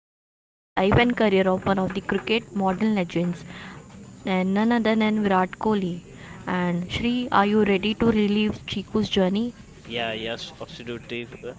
life and career of one of the cricket modern legends, and none other than Virat Kohli. And Shri, are you ready to relive Chiku's journey? Yeah, yes, absolutely, uh,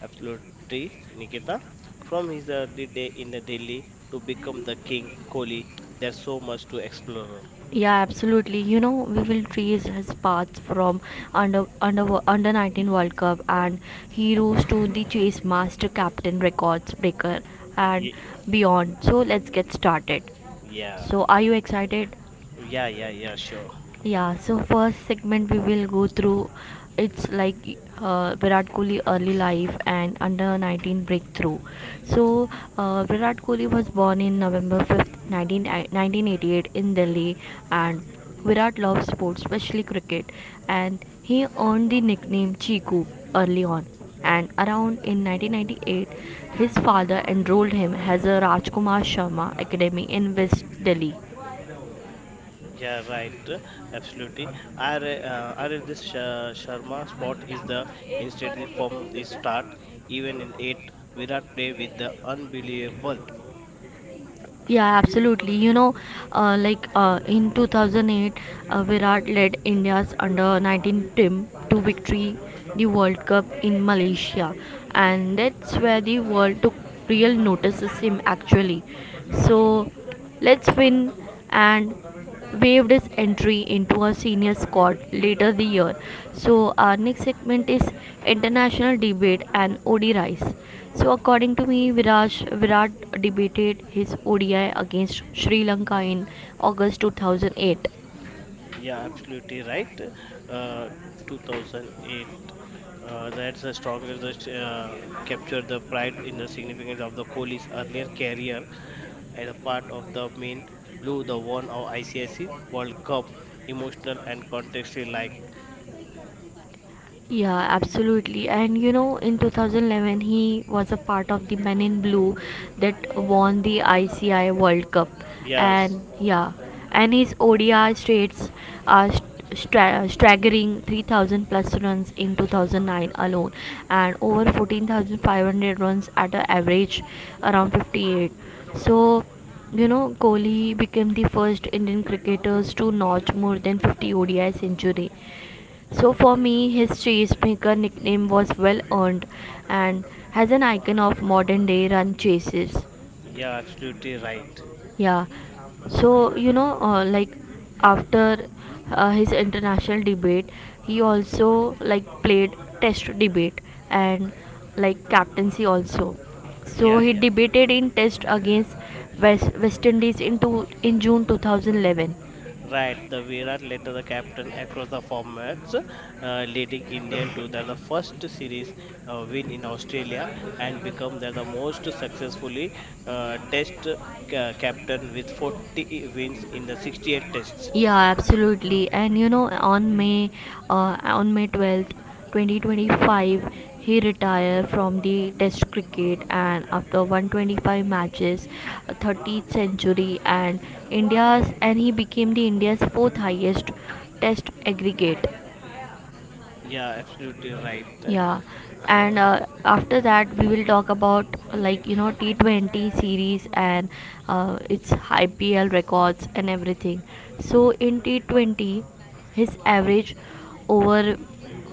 absolutely, Nikita. From his early day in the Delhi to become the king, Kohli, there's so much to explore. Yeah, absolutely. You know, we will trace his path from under 19 World Cup and he rose to the chase master captain records breaker and Y- beyond. So let's get started. Yeah, So are you excited? yeah, sure. Yeah, so first segment we will go through, it's like Virat Kohli early life and under 19 breakthrough. So Virat Kohli was born in November 5th, 1988 in Delhi, and Virat loves sports, especially cricket, and he earned the nickname Chiku early on, and around in 1998 his father enrolled him as a Rajkumar Sharma Academy in West Delhi. Yeah, right. Absolutely. I read this Sharma spot is the instead the from the start. Even in eight, Virat play with the unbelievable. Yeah, absolutely. You know, like in 2008, Virat led India's under 19 team to victory the World Cup in Malaysia, and that's where the world took real notice of him actually. So, let's win and waived his entry into a senior squad later the year. So our next segment is international debate and ODI rise. So according to me, Viraj Virat debated his ODI against Sri Lanka in August 2008. Yeah, absolutely right. Uh, 2008. That's a stronger the, capture the pride in the significance of the Kohli's earlier career as a part of the main blue, the one of ICIC World Cup, emotional and contextually like. Yeah, absolutely. And you know, in 2011, he was a part of the Men in Blue that won the ICI World Cup. Yes, And yeah, and his ODI stats are staggering 3,000 plus runs in 2009 alone, and over 14,500 runs at an average around 58. So, you know, Kohli became the first Indian cricketers to notch more than 50 ODI century, so for me, his Chasemaker nickname was well earned and has an icon of modern day run chases. yeah, absolutely right. Yeah. So, you know, like after his international debate, he also like played test debate and like captaincy also. So Yeah, he yeah. debated in test against West Indies in, two, in June 2011. Right, the Virat later the captain across the formats, leading Indian to their the first series win in Australia and become their the most successfully test captain with 40 wins in the 68 tests. Yeah, absolutely. And you know, on May 12th, 2025, he retired from the test cricket and after 125 matches, a 30th century and India's and he became the India's fourth highest test aggregate. Yeah, absolutely right. Yeah, and after that we will talk about like you know T20 series and its IPL records and everything. So in T20, his average over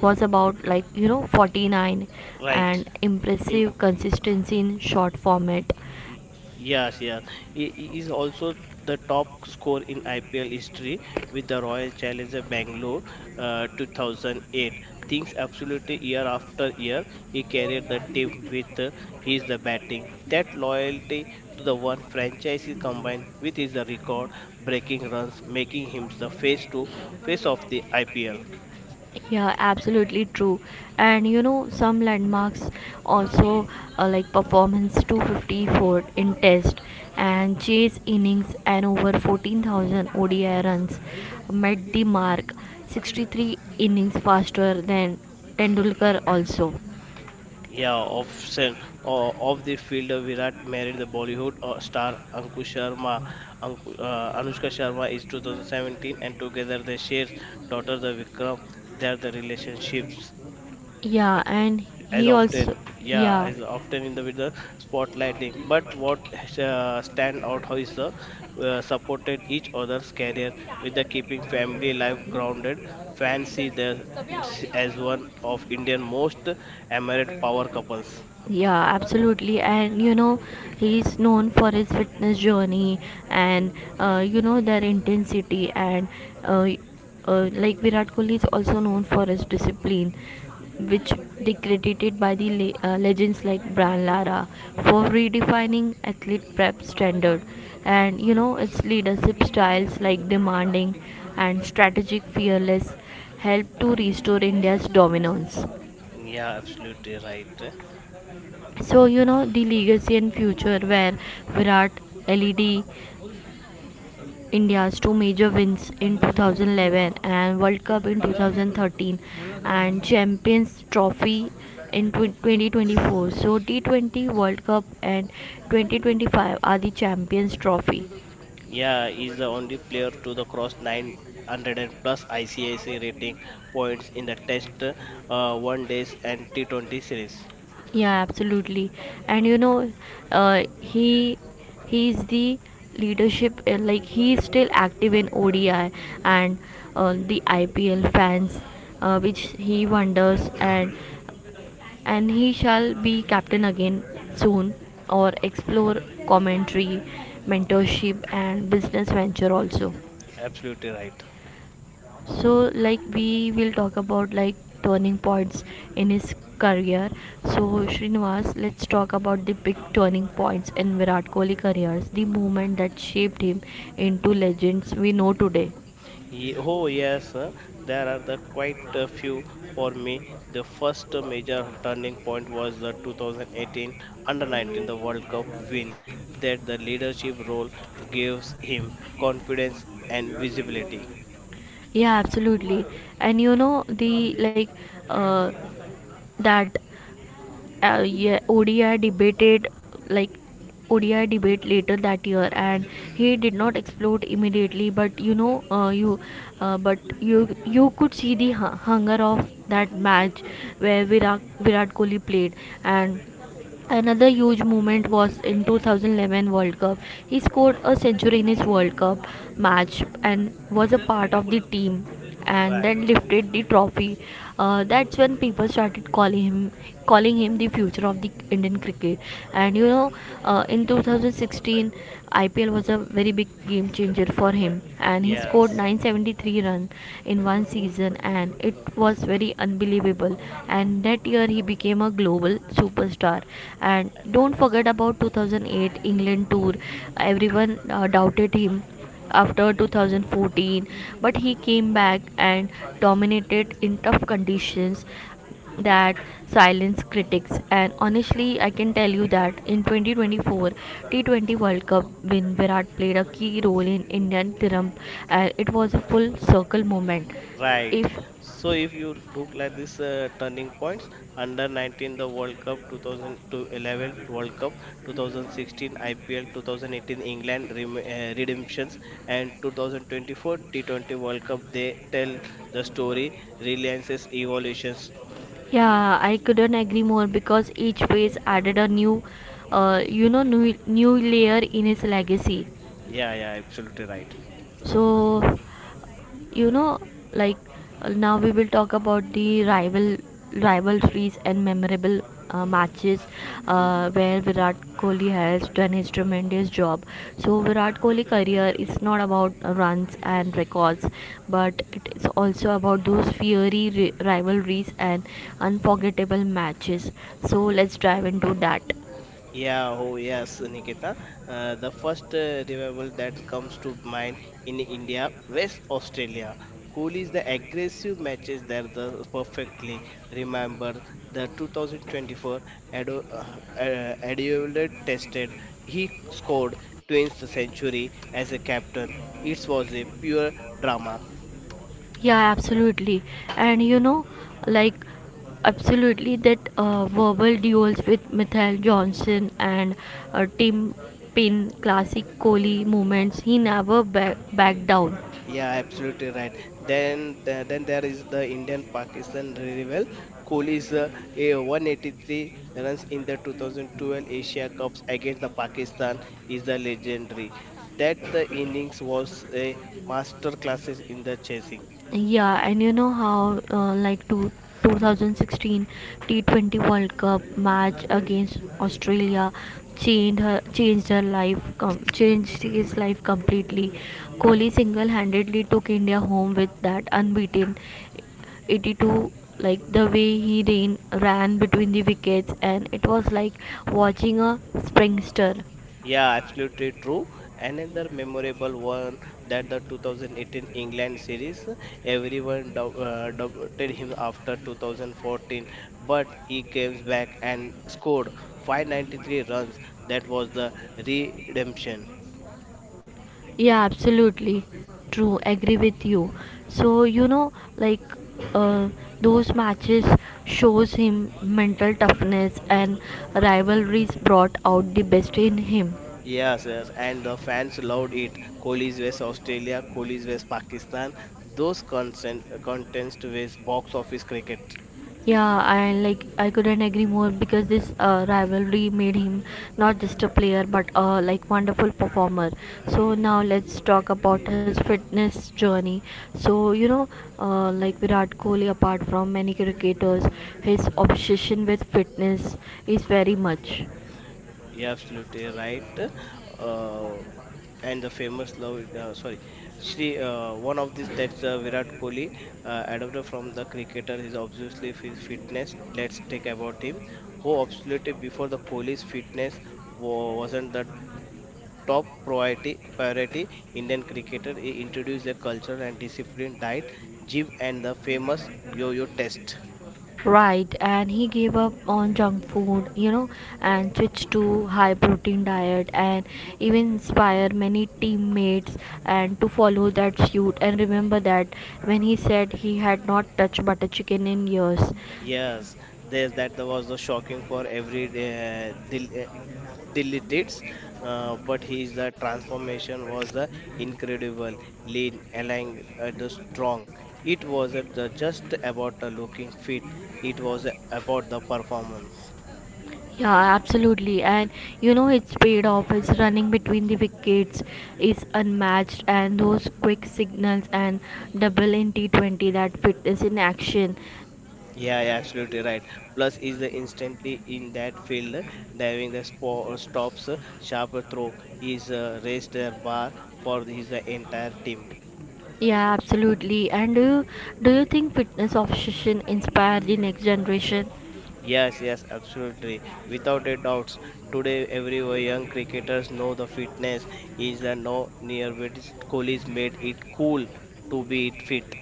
was about like you know 49 Right. and impressive consistency in short format. Y- yes. He is also the top scorer in IPL history with the Royal Challenger Bangalore 2008. Things absolutely year after year, he carried the team with his the batting. That loyalty to the one franchise is combined with his record-breaking runs, making him the face to face of the IPL. Yeah, absolutely true. And you know, some landmarks also like performance 254 in test and chase innings and over 14,000 ODI runs met the mark 63 innings faster than Tendulkar also. Yeah, of sen of the field, Virat married the Bollywood star Ankush Sharma. Anushka Sharma is 2017, and together they share daughter the Vikram. They are the relationships Yeah, and as he often, also yeah, yeah. as often in the with the spotlighting. But what stand out how is the supported each other's career with the keeping family life grounded. Fans see the as one of Indian most admired power couples. Yeah, absolutely. And you know, he's known for his fitness journey and you know their intensity and uh, like Virat Kohli is also known for his discipline, which they credited by the legends like Brian Lara for redefining athlete prep standard. And you know, its leadership styles like demanding and strategic fearless helped to restore India's dominance. Yeah, absolutely right. So you know the legacy and future where Virat LED India's two major wins in 2011 and World Cup in 2013 and Champions Trophy in 2024. So T20 World Cup and 2025 are the Champions Trophy. Yeah, is the only player to the cross 900 plus ICIC rating points in the Test, One Days and T20 series. Yeah, absolutely. And you know, uh, he he is the leadership, like he is still active in ODI and the IPL fans, which he wonders and he shall be captain again soon or explore commentary, mentorship and business venture also. Absolutely right. So like we will talk about like turning points in his career. So Srinivas, let's talk about the big turning points in Virat Kohli careers, the moment that shaped him into legends we know today. Oh yes, there are the quite a few for me. The first major turning point was the 2018 Under 19 the World Cup win that the leadership role gives him confidence and visibility. Yeah, absolutely. And you know the like uh, that yeah, ODI debated, like ODI debate later that year, and he did not explode immediately. But you know, you could see the hunger of that match where Virat Kohli played, and another huge moment was in 2011 World Cup. He scored a century in his World Cup match and was a part of the team and Right. then lifted the trophy. That's when people started calling him the future of the Indian cricket. And you know, in 2016 IPL was a very big game changer for him and he scored Yes. 973 runs in one season, and it was very unbelievable. And that year, he became a global superstar. And don't forget about 2008 England tour. Everyone doubted him after 2014, but he came back and dominated in tough conditions that silence critics, and honestly, I can tell you that in 2024 T20 World Cup when Virat played a key role in Indian tiram, and it was a full circle moment. Right. If So if you look like this turning points under 19 the World Cup 2011 World Cup 2016 IPL 2018 England redemptions and 2024 T20 World Cup they tell the story reliances evolutions. yeah, I couldn't agree more because each phase added a new, you know, new layer in his legacy. Yeah, absolutely right. So you know, like now we will talk about the rivalries and memorable matches where Virat Kohli has done his tremendous job. So Virat Kohli career is not about runs and records, but it is also about those fiery rivalries and unforgettable matches. So let's dive into that. Yeah, oh yes, Nikita. The first revival that comes to mind in India, West Australia. Cool is the aggressive matches there the perfectly remember the 2024 Ado, uh, Adelaide tested. He scored twins century as a captain. It was a pure drama. Yeah, absolutely. And you know, like, absolutely that verbal duels with Michael Johnson and Tim Pin, classic Kohli moments, he never backed down. Yeah, absolutely right. Then there is the Indian-Pakistan rival. Kohli is a 183 runs in the 2012 Asia Cups against the Pakistan is the legendary. That the innings was a master classes in the chasing. Yeah, and you know how, like 2016 T20 World Cup match against Australia changed his life completely. Kohli single-handedly took India home with that unbeaten 82, like the way he ran between the wickets, and it was like watching a springster. Yeah, absolutely true. Another memorable one that the 2018 England series, everyone doubted him after 2014, but he came back and scored 593 runs. That was the redemption. Yeah, absolutely true. Agree with you. So, you know, like uh, those matches shows him mental toughness and rivalries brought out the best in him. Yes, and the fans loved it. Kohli's West Australia, Kohli's West Pakistan, those constant, contents with box office cricket. Yeah, I like I couldn't agree more because this rivalry made him not just a player but a like wonderful performer. So now let's talk about his fitness journey. So you know, like Virat Kohli, apart from many cricketers, his obsession with fitness is very much. Yeah, absolutely right. Uh, and the famous love, sorry, Shri, one of these that's Virat Kohli, adopted from the cricketer. Is obviously his fitness. Let's take about him. Who absolutely before the Kohli's fitness wasn't the top priority. Priority Indian cricketer. He introduced a cultural and disciplined diet, gym, and the famous yo-yo test. Right, and he gave up on junk food, you know, and switched to high protein diet and even inspired many teammates and to follow that suit, and remember that when he said he had not touched butter chicken in years. Yes, there's that was the shocking for every dilettantes, but his the transformation was incredible, lean, along the strong. It wasn't the just about the looking fit; it was about the performance. Yeah, absolutely. And you know, it's paid off. His running between the wickets is unmatched, and those quick signals and double in T20, that fitness in action. Yeah, absolutely right. Plus, is the instantly in that field diving the stops sharp throw is raised their bar for his entire team. Yeah, absolutely. And do you think fitness obsession inspired the next generation? Yes, absolutely. Without a doubt, today every young cricketers know the fitness is a no near but Kohli's made it cool to be fit.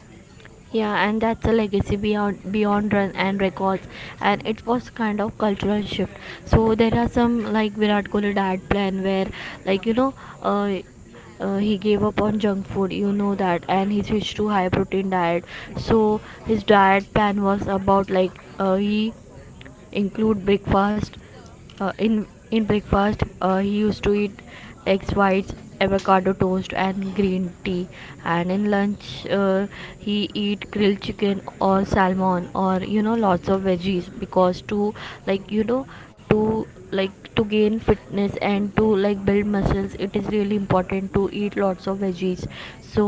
Yeah, and that's a legacy beyond run and records, and it was kind of cultural shift. So there are some like Virat Kohli diet plan where, like you know, uh, he gave up on junk food, you know that, and he switched to high protein diet, so his diet plan was about like he include breakfast. In breakfast, he used to eat eggs whites, avocado toast, and green tea. And in lunch, he eat grilled chicken or salmon or you know lots of veggies, because to like you know to like to gain fitness and to like build muscles, it is really important to eat lots of veggies. So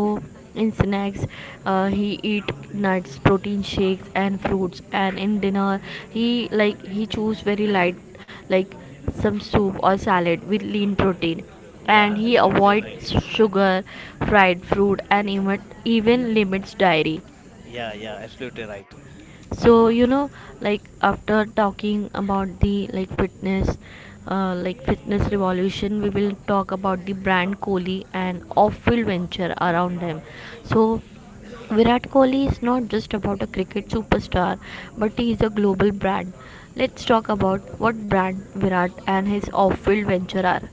in snacks, he eat nuts, protein shakes, and fruits. And in dinner, he like he choose very light, like some soup or salad with lean protein. Yeah, And he absolutely right. avoids sugar, fried fruit, and even limits dairy. Yeah, absolutely right. So you know, like after talking about the like fitness revolution, we will talk about the brand Kohli and off-field venture around them. So Virat Kohli is not just about a cricket superstar, but he is a global brand. Let's talk about what brand Virat and his off-field venture are.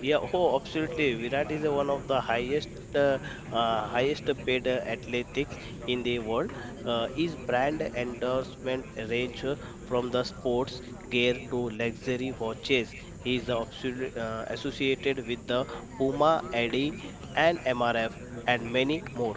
Yeah, oh, absolutely. Virat is one of the highest paid athletics in the world. His brand endorsement range from the sports gear to luxury watches. He is absolutely associated with the Puma, Adi, and MRF, and many more.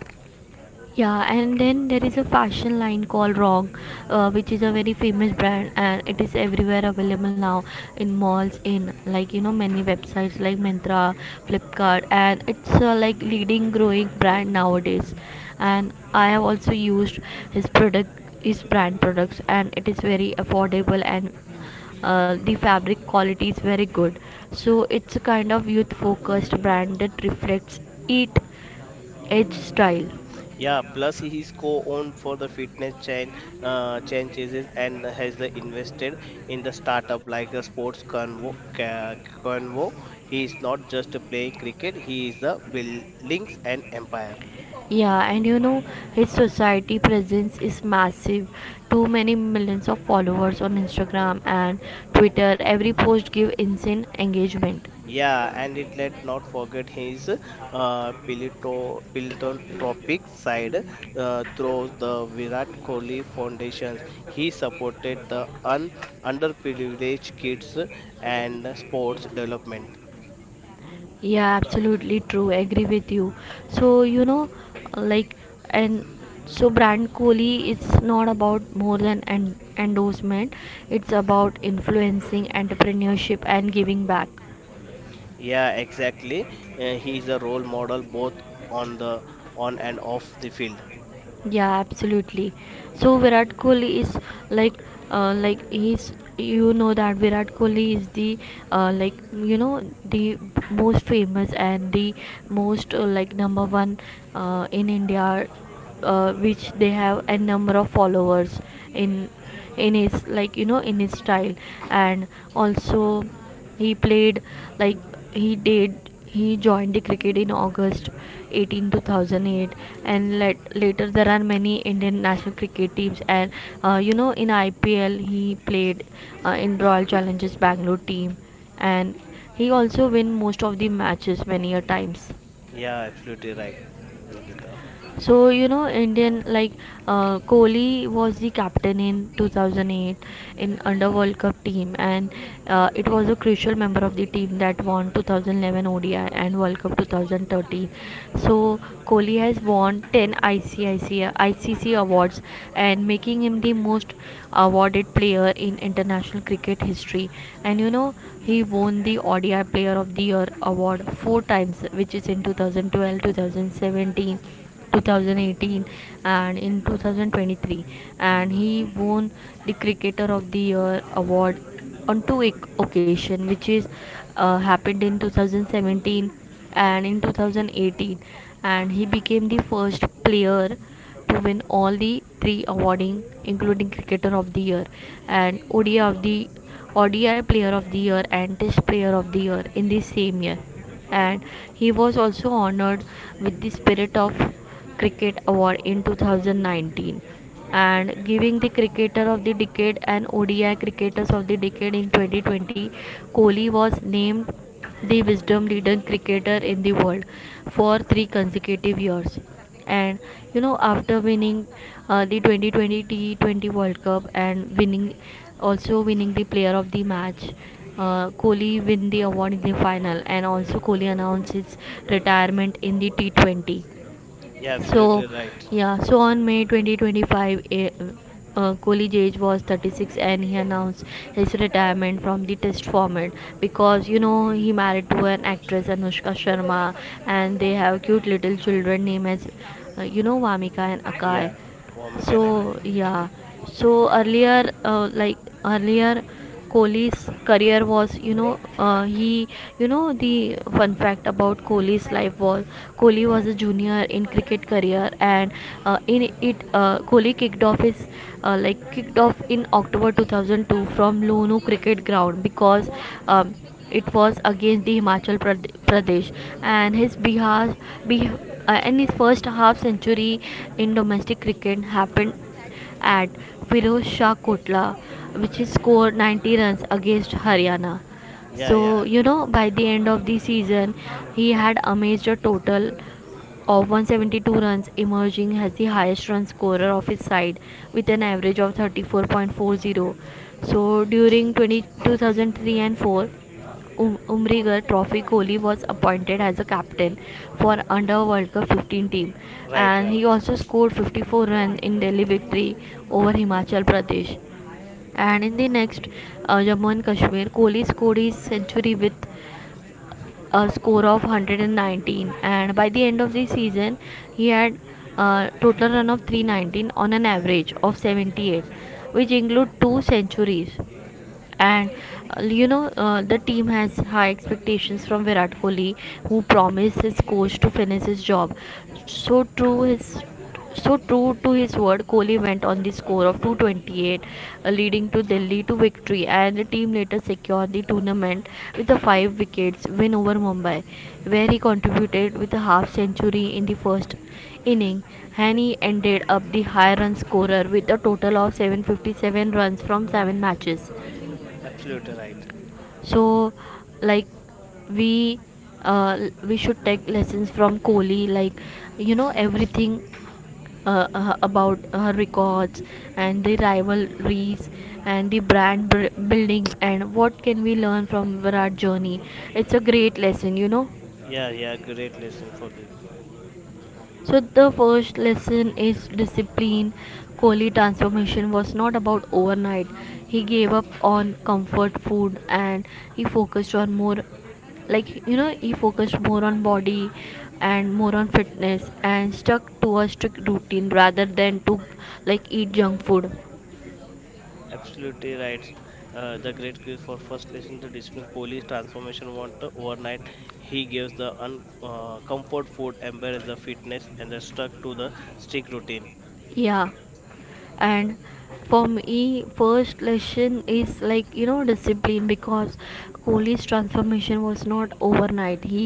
Yeah, and then there is a fashion line called Wrong, which is a very famous brand, and it is everywhere available now in malls, in like you know many websites like Myntra, Flipkart, and it's like leading growing brand nowadays. And I have also used his product, his brand products, and it is very affordable and the fabric quality is very good. So it's a kind of youth focused brand that reflects it edge style. Yeah, plus he is co-owned for the fitness chain, chases and has the invested in the startup like a sports convo. He is not just playing cricket; he is the buildings and empire. Yeah, and you know, his society presence is massive. Too many millions of followers on Instagram and Twitter. Every post give insane engagement. Yeah, and it let not forget his philanthropic side through the Virat Kohli Foundation. He supported the underprivileged kids and sports development. Yeah, absolutely true. Agree with you. So, you know, like and so brand Kohli, it's not about more than an endorsement. It's about influencing entrepreneurship and giving back. Yeah, exactly. He is a role model both on the on and off the field. Yeah, absolutely. So Virat Kohli is like like he's you know that Virat Kohli is the uh, like you know the most famous and the most like number one in India, which they have a number of followers in in his, in his style. And also he played, like he did. He joined the cricket in August 18 2008, and later there are many Indian national cricket teams. And in IPL, he played in Royal Challengers Bangalore team, and he also win most of the matches many a times. Yeah, absolutely right, Nikita. So you know, Indian like Kohli was the captain in 2008 in under World Cup team, and it was a crucial member of the team that won 2011 ODI and World Cup 2013. So Kohli has won 10 ICIC ICC awards and making him the most awarded player in international cricket history. And you know, he won the ODI Player of the Year award four times, which is in 2012, 2017, 2018 and in 2023, and he won the Cricketer of the Year award on occasion, which is happened in 2017 and in 2018. And he became the first player to win all the three awarding including Cricketer of the Year and ODI Player of the Year and Test Player of the Year in the same year. And he was also honored with the Spirit of Cricket Award in 2019, and giving the Cricketer of the Decade and ODI Cricketers of the Decade in 2020. Kohli was named the Wisdom Leading Cricketer in the World for three consecutive years. And you know, after winning the 2020 T20 World Cup and winning the Player of the Match, Kohli win the award in the final, and also Kohli announced his retirement in the T20. Yeah, So, absolutely right. yeah, so on May 2025, Kohli's age was 36, and he announced his retirement from the test format. Because you know, he married to an actress Anushka Sharma, and they have cute little children named as Vamika and Akai. Yeah, Vomika Nakaya. So, yeah, so earlier, earlier. Kohli's career was, the fun fact about Kohli's life was Kohli was a junior in cricket career. And Kohli kicked off in October 2002 from Lucknow cricket ground, because. Um, it was against the Pradesh and his Bihar. And his first half century in domestic cricket happened at Firoz Shah Kotla, which is scored 90 runs against Haryana. Yeah, yeah, So, you know, by the end of the season, he had amassed a total of 172 runs, emerging as the highest run scorer of his side with an average of 34.40. So, 2003 and 4, Umrigar Trophy, Kohli was appointed as a captain for under World Cup 15 team, right, and he right. also scored 54 runs in Delhi victory over Himachal Pradesh. And in the next, Jammu and Kashmir, Kohli scored his century with a score of 119, and by the end of the season he had a total run of 319 on an average of 78, which include two centuries. And the team has high expectations from Virat Kohli, who promised his coach to finish his job. So true his so true to his word, Kohli went on the score of 228, leading to Delhi to victory, and the team later secured the tournament with a five wickets win over Mumbai, where he contributed with a half century in the first inning. And he ended up the high run scorer with a total of 757 runs from seven matches. Absolutely right. so like we uh, we should take lessons from Kohli, everything, about her records and the rivalries and the building, and what can we learn from Virat journey. It's a great lesson, you know. Yeah, great lesson for the. So the first lesson is discipline. Kohli transformation was not about overnight. He gave up on comfort food, and he focused on more like you know he focused more on body and more on fitness, and stuck to a strict routine rather than to like eat junk food. Absolutely right. The great quiz for first lesson to discipline Kohli's transformation want to overnight. He gives the comfort food, embrace the fitness, and the stuck to the strict routine. Yeah. And for me first lesson is, like you know, discipline, because Kohli's transformation was not overnight. he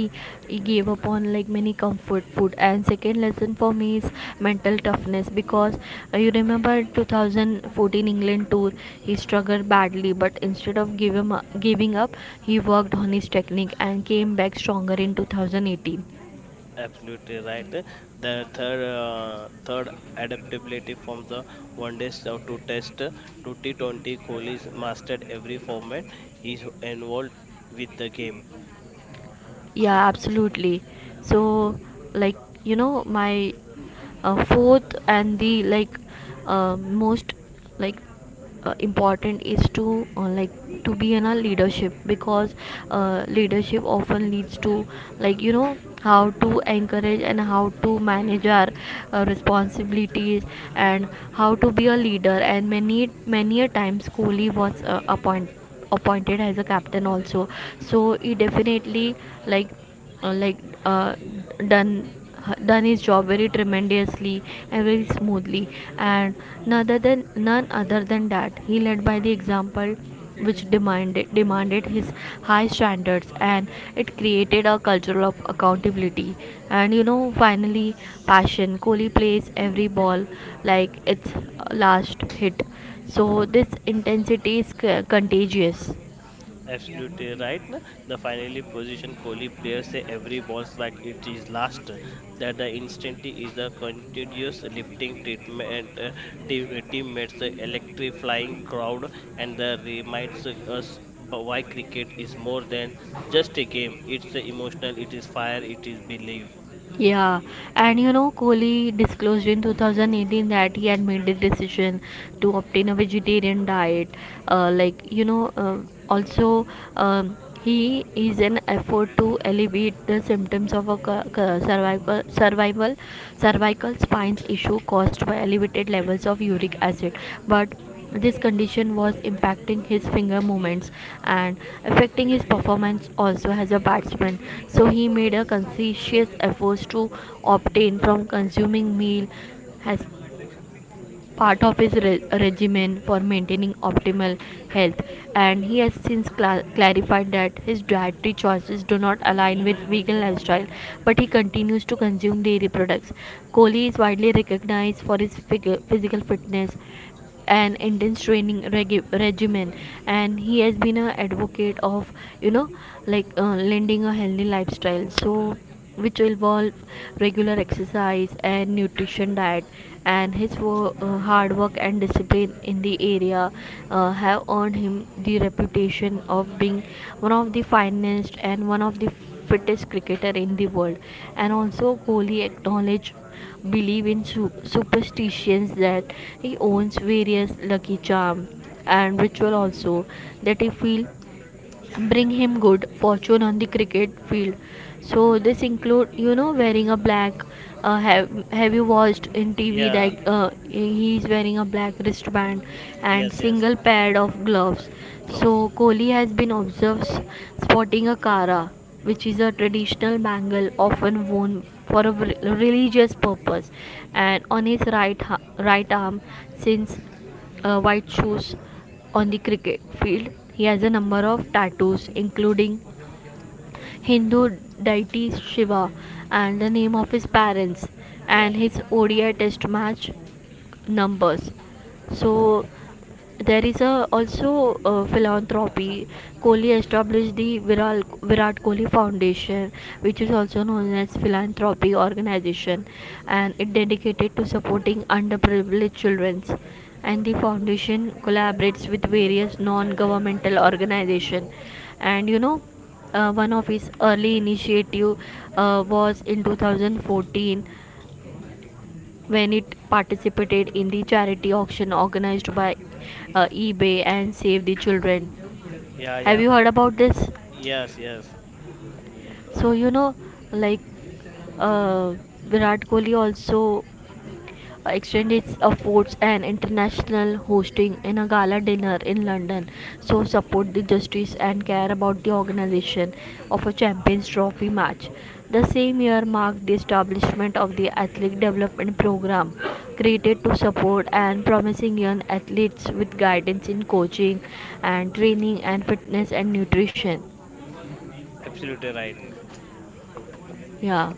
he gave up on like many comfort food. And second lesson for me is mental toughness, because you remember 2014 England tour, he struggled badly, but instead of giving up, he worked on his technique and came back stronger in 2018. Absolutely right. The third adaptability from the one day out to test to T20, Kohli mastered every format he's involved with the game. Yeah, absolutely. So, like, my fourth and the most like important is to to be in a leadership, because leadership often leads to, like you know, how to encourage and how to manage our responsibilities and how to be a leader. And many many a times Kohli was appointed as a captain also. So he definitely, like uh, like uh, done done his job very tremendously and very smoothly. And none other than that, he led by the example, which demanded his high standards, and it created a culture of accountability. And you know, finally, passion. Kohli plays every ball like it's last hit. So this intensity is contagious. Absolutely right. na? The finally position Kohli players say every balls like it is last. That the instant is the continuous lifting treatment. Teammates electric flying crowd and the reminds us why cricket is more than just a game. It's emotional. It is fire. It is belief. Yeah, and you know, Kohli disclosed in 2018 that he had made the decision to obtain a vegetarian diet. Uh, like, you know, uh, also, um, he is an effort to alleviate the symptoms of a cervical spines issue caused by elevated levels of uric acid. But this condition was impacting his finger movements and affecting his performance also as a batsman. So he made a conscientious effort to obtain from consuming meal as part of his regimen for maintaining optimal health. And he has since clarified that his dietary choices do not align with vegan lifestyle, but he continues to consume dairy products. Kohli is widely recognized for his figure, physical fitness, an intense training regimen. And he has been an advocate of, you know, lending a healthy lifestyle, so which will involve regular exercise and nutrition diet. And his hard work and discipline in the area have earned him the reputation of being one of the finest and one of the fittest cricketer in the world. And also Kohli acknowledged believe in superstitions, that he owns various lucky charm and ritual also that he feel bring him good fortune on the cricket field. So this include, you know, wearing a black, have you watched in TV Yeah. that he is wearing a black wristband and Yes. Yes. single pair of gloves. So Close. Kohli has been observed sporting a kara, which is a traditional bangle often worn for a religious purpose, and on his right arm since, white shoes on the cricket field. He has a number of tattoos, including Hindu deity Shiva and the name of his parents, Yeah. and his ODI test match numbers. So there is a also philanthropy. Kohli established the viral Virat Kohli Foundation, which is also known as philanthropy organization, and it dedicated to supporting underprivileged children. And the foundation collaborates with various non-governmental organization. And you know, one of his early initiative was in 2014, when it participated in the charity auction organized by eBay and Save the Children. Yeah. Have Yeah. you heard about this? Yes. Yes. So you know, like uh, Virat Kohli also extend its efforts and international hosting in a gala dinner in London. So support the justice and care about the organization of a Champions Trophy match. The same year marked the establishment of the Athletic Development Program, created to support and promising young athletes with guidance in coaching and training and fitness and nutrition. Absolutely right. Yeah.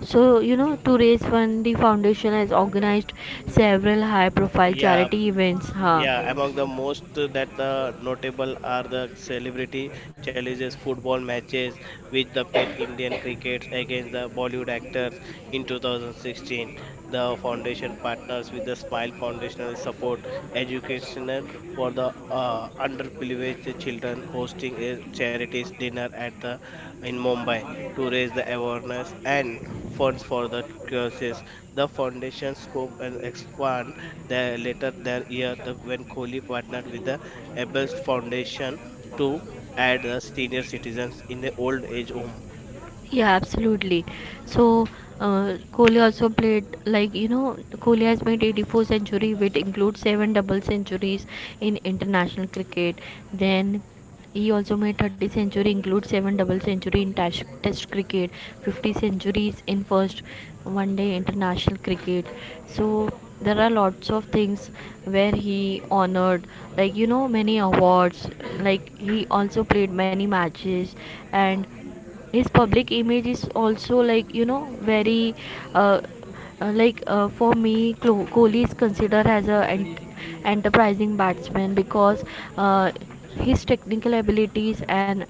So, you know, to raise fund, the foundation has organized several high profile Yeah. charity events. Huh? Yeah, among the most that the notable are the celebrity challenges, football matches with the pet Indian crickets against the Bollywood actors in 2016. The foundation partners with the Smile Foundation to support educational for the underprivileged children, hosting a charities dinner at the in Mumbai to raise the awareness and funds for the causes. The foundation scope and expand the later that year the, when Kohli partnered with the Abels Foundation to add the senior citizens in the old age home. Yeah, absolutely. So Kohli also played, Kohli has made 84 century, which includes seven double centuries in international cricket. Then he also made 30 centuries, include 7 double century in test cricket, 50 centuries in first one day international cricket. So there are lots of things where he honored, like you know, many awards, like he also played many matches. And his public image is also, like you know, very uh, for me Kohli is considered as a enterprising batsman, because uh, his technical abilities,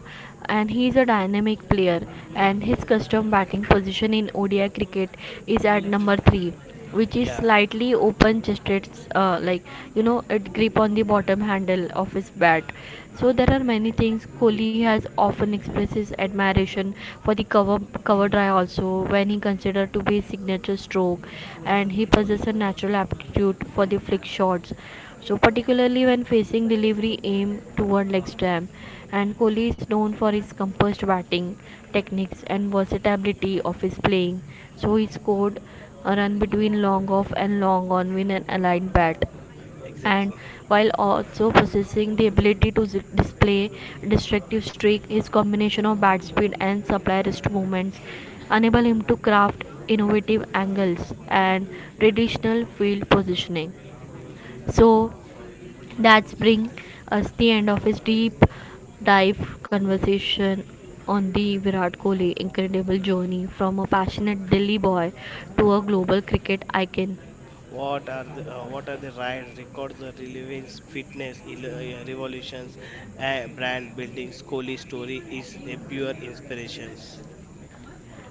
and he is a dynamic player. And his custom batting position in ODI cricket is at number 3, which is Yeah, slightly open, just it's you know it grip on the bottom handle of his bat. So there are many things. Kohli has often expressed his admiration for the cover drive also, when he considered to be his signature stroke. And he possesses a natural aptitude for the flick shots. So particularly when facing delivery aim toward leg stamp, and Kohli is known for his composed batting techniques and versatility of his playing. So he scored a run between long off and long on with an aligned bat, and exactly. while also possessing the ability to display destructive streak. His combination of bat speed and supply wrist movements enable him to craft innovative angles and traditional field positioning. So that's bring us the end of his deep dive conversation on the Virat Kohli incredible journey from a passionate Delhi boy to a global cricket icon. What are the rides, records, the relevance, fitness, revolutions, brand building, Kohli story is a pure inspirations.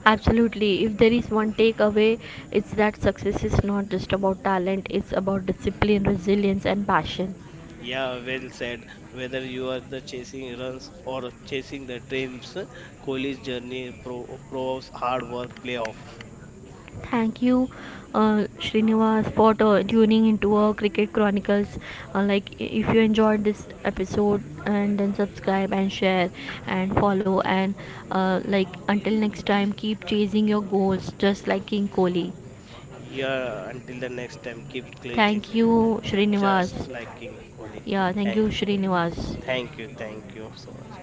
Absolutely. If there is one takeaway, it's that success is not just about talent, it's about discipline, resilience, and passion. Yeah, well said. Whether you are the chasing runs or chasing the dreams, Kohli's journey proves hard work payoff. Thank you, Srinivas, for tuning into our Cricket Chronicles. If you enjoyed this episode, and then subscribe and share and follow. And until next time, keep chasing your goals, just like King Kohli. Yeah, until the next time, keep clear Thank chasing goal, you, just Srinivas. like King Kohli. Yeah, thank you, Thank, Srinivas. Thank you so much.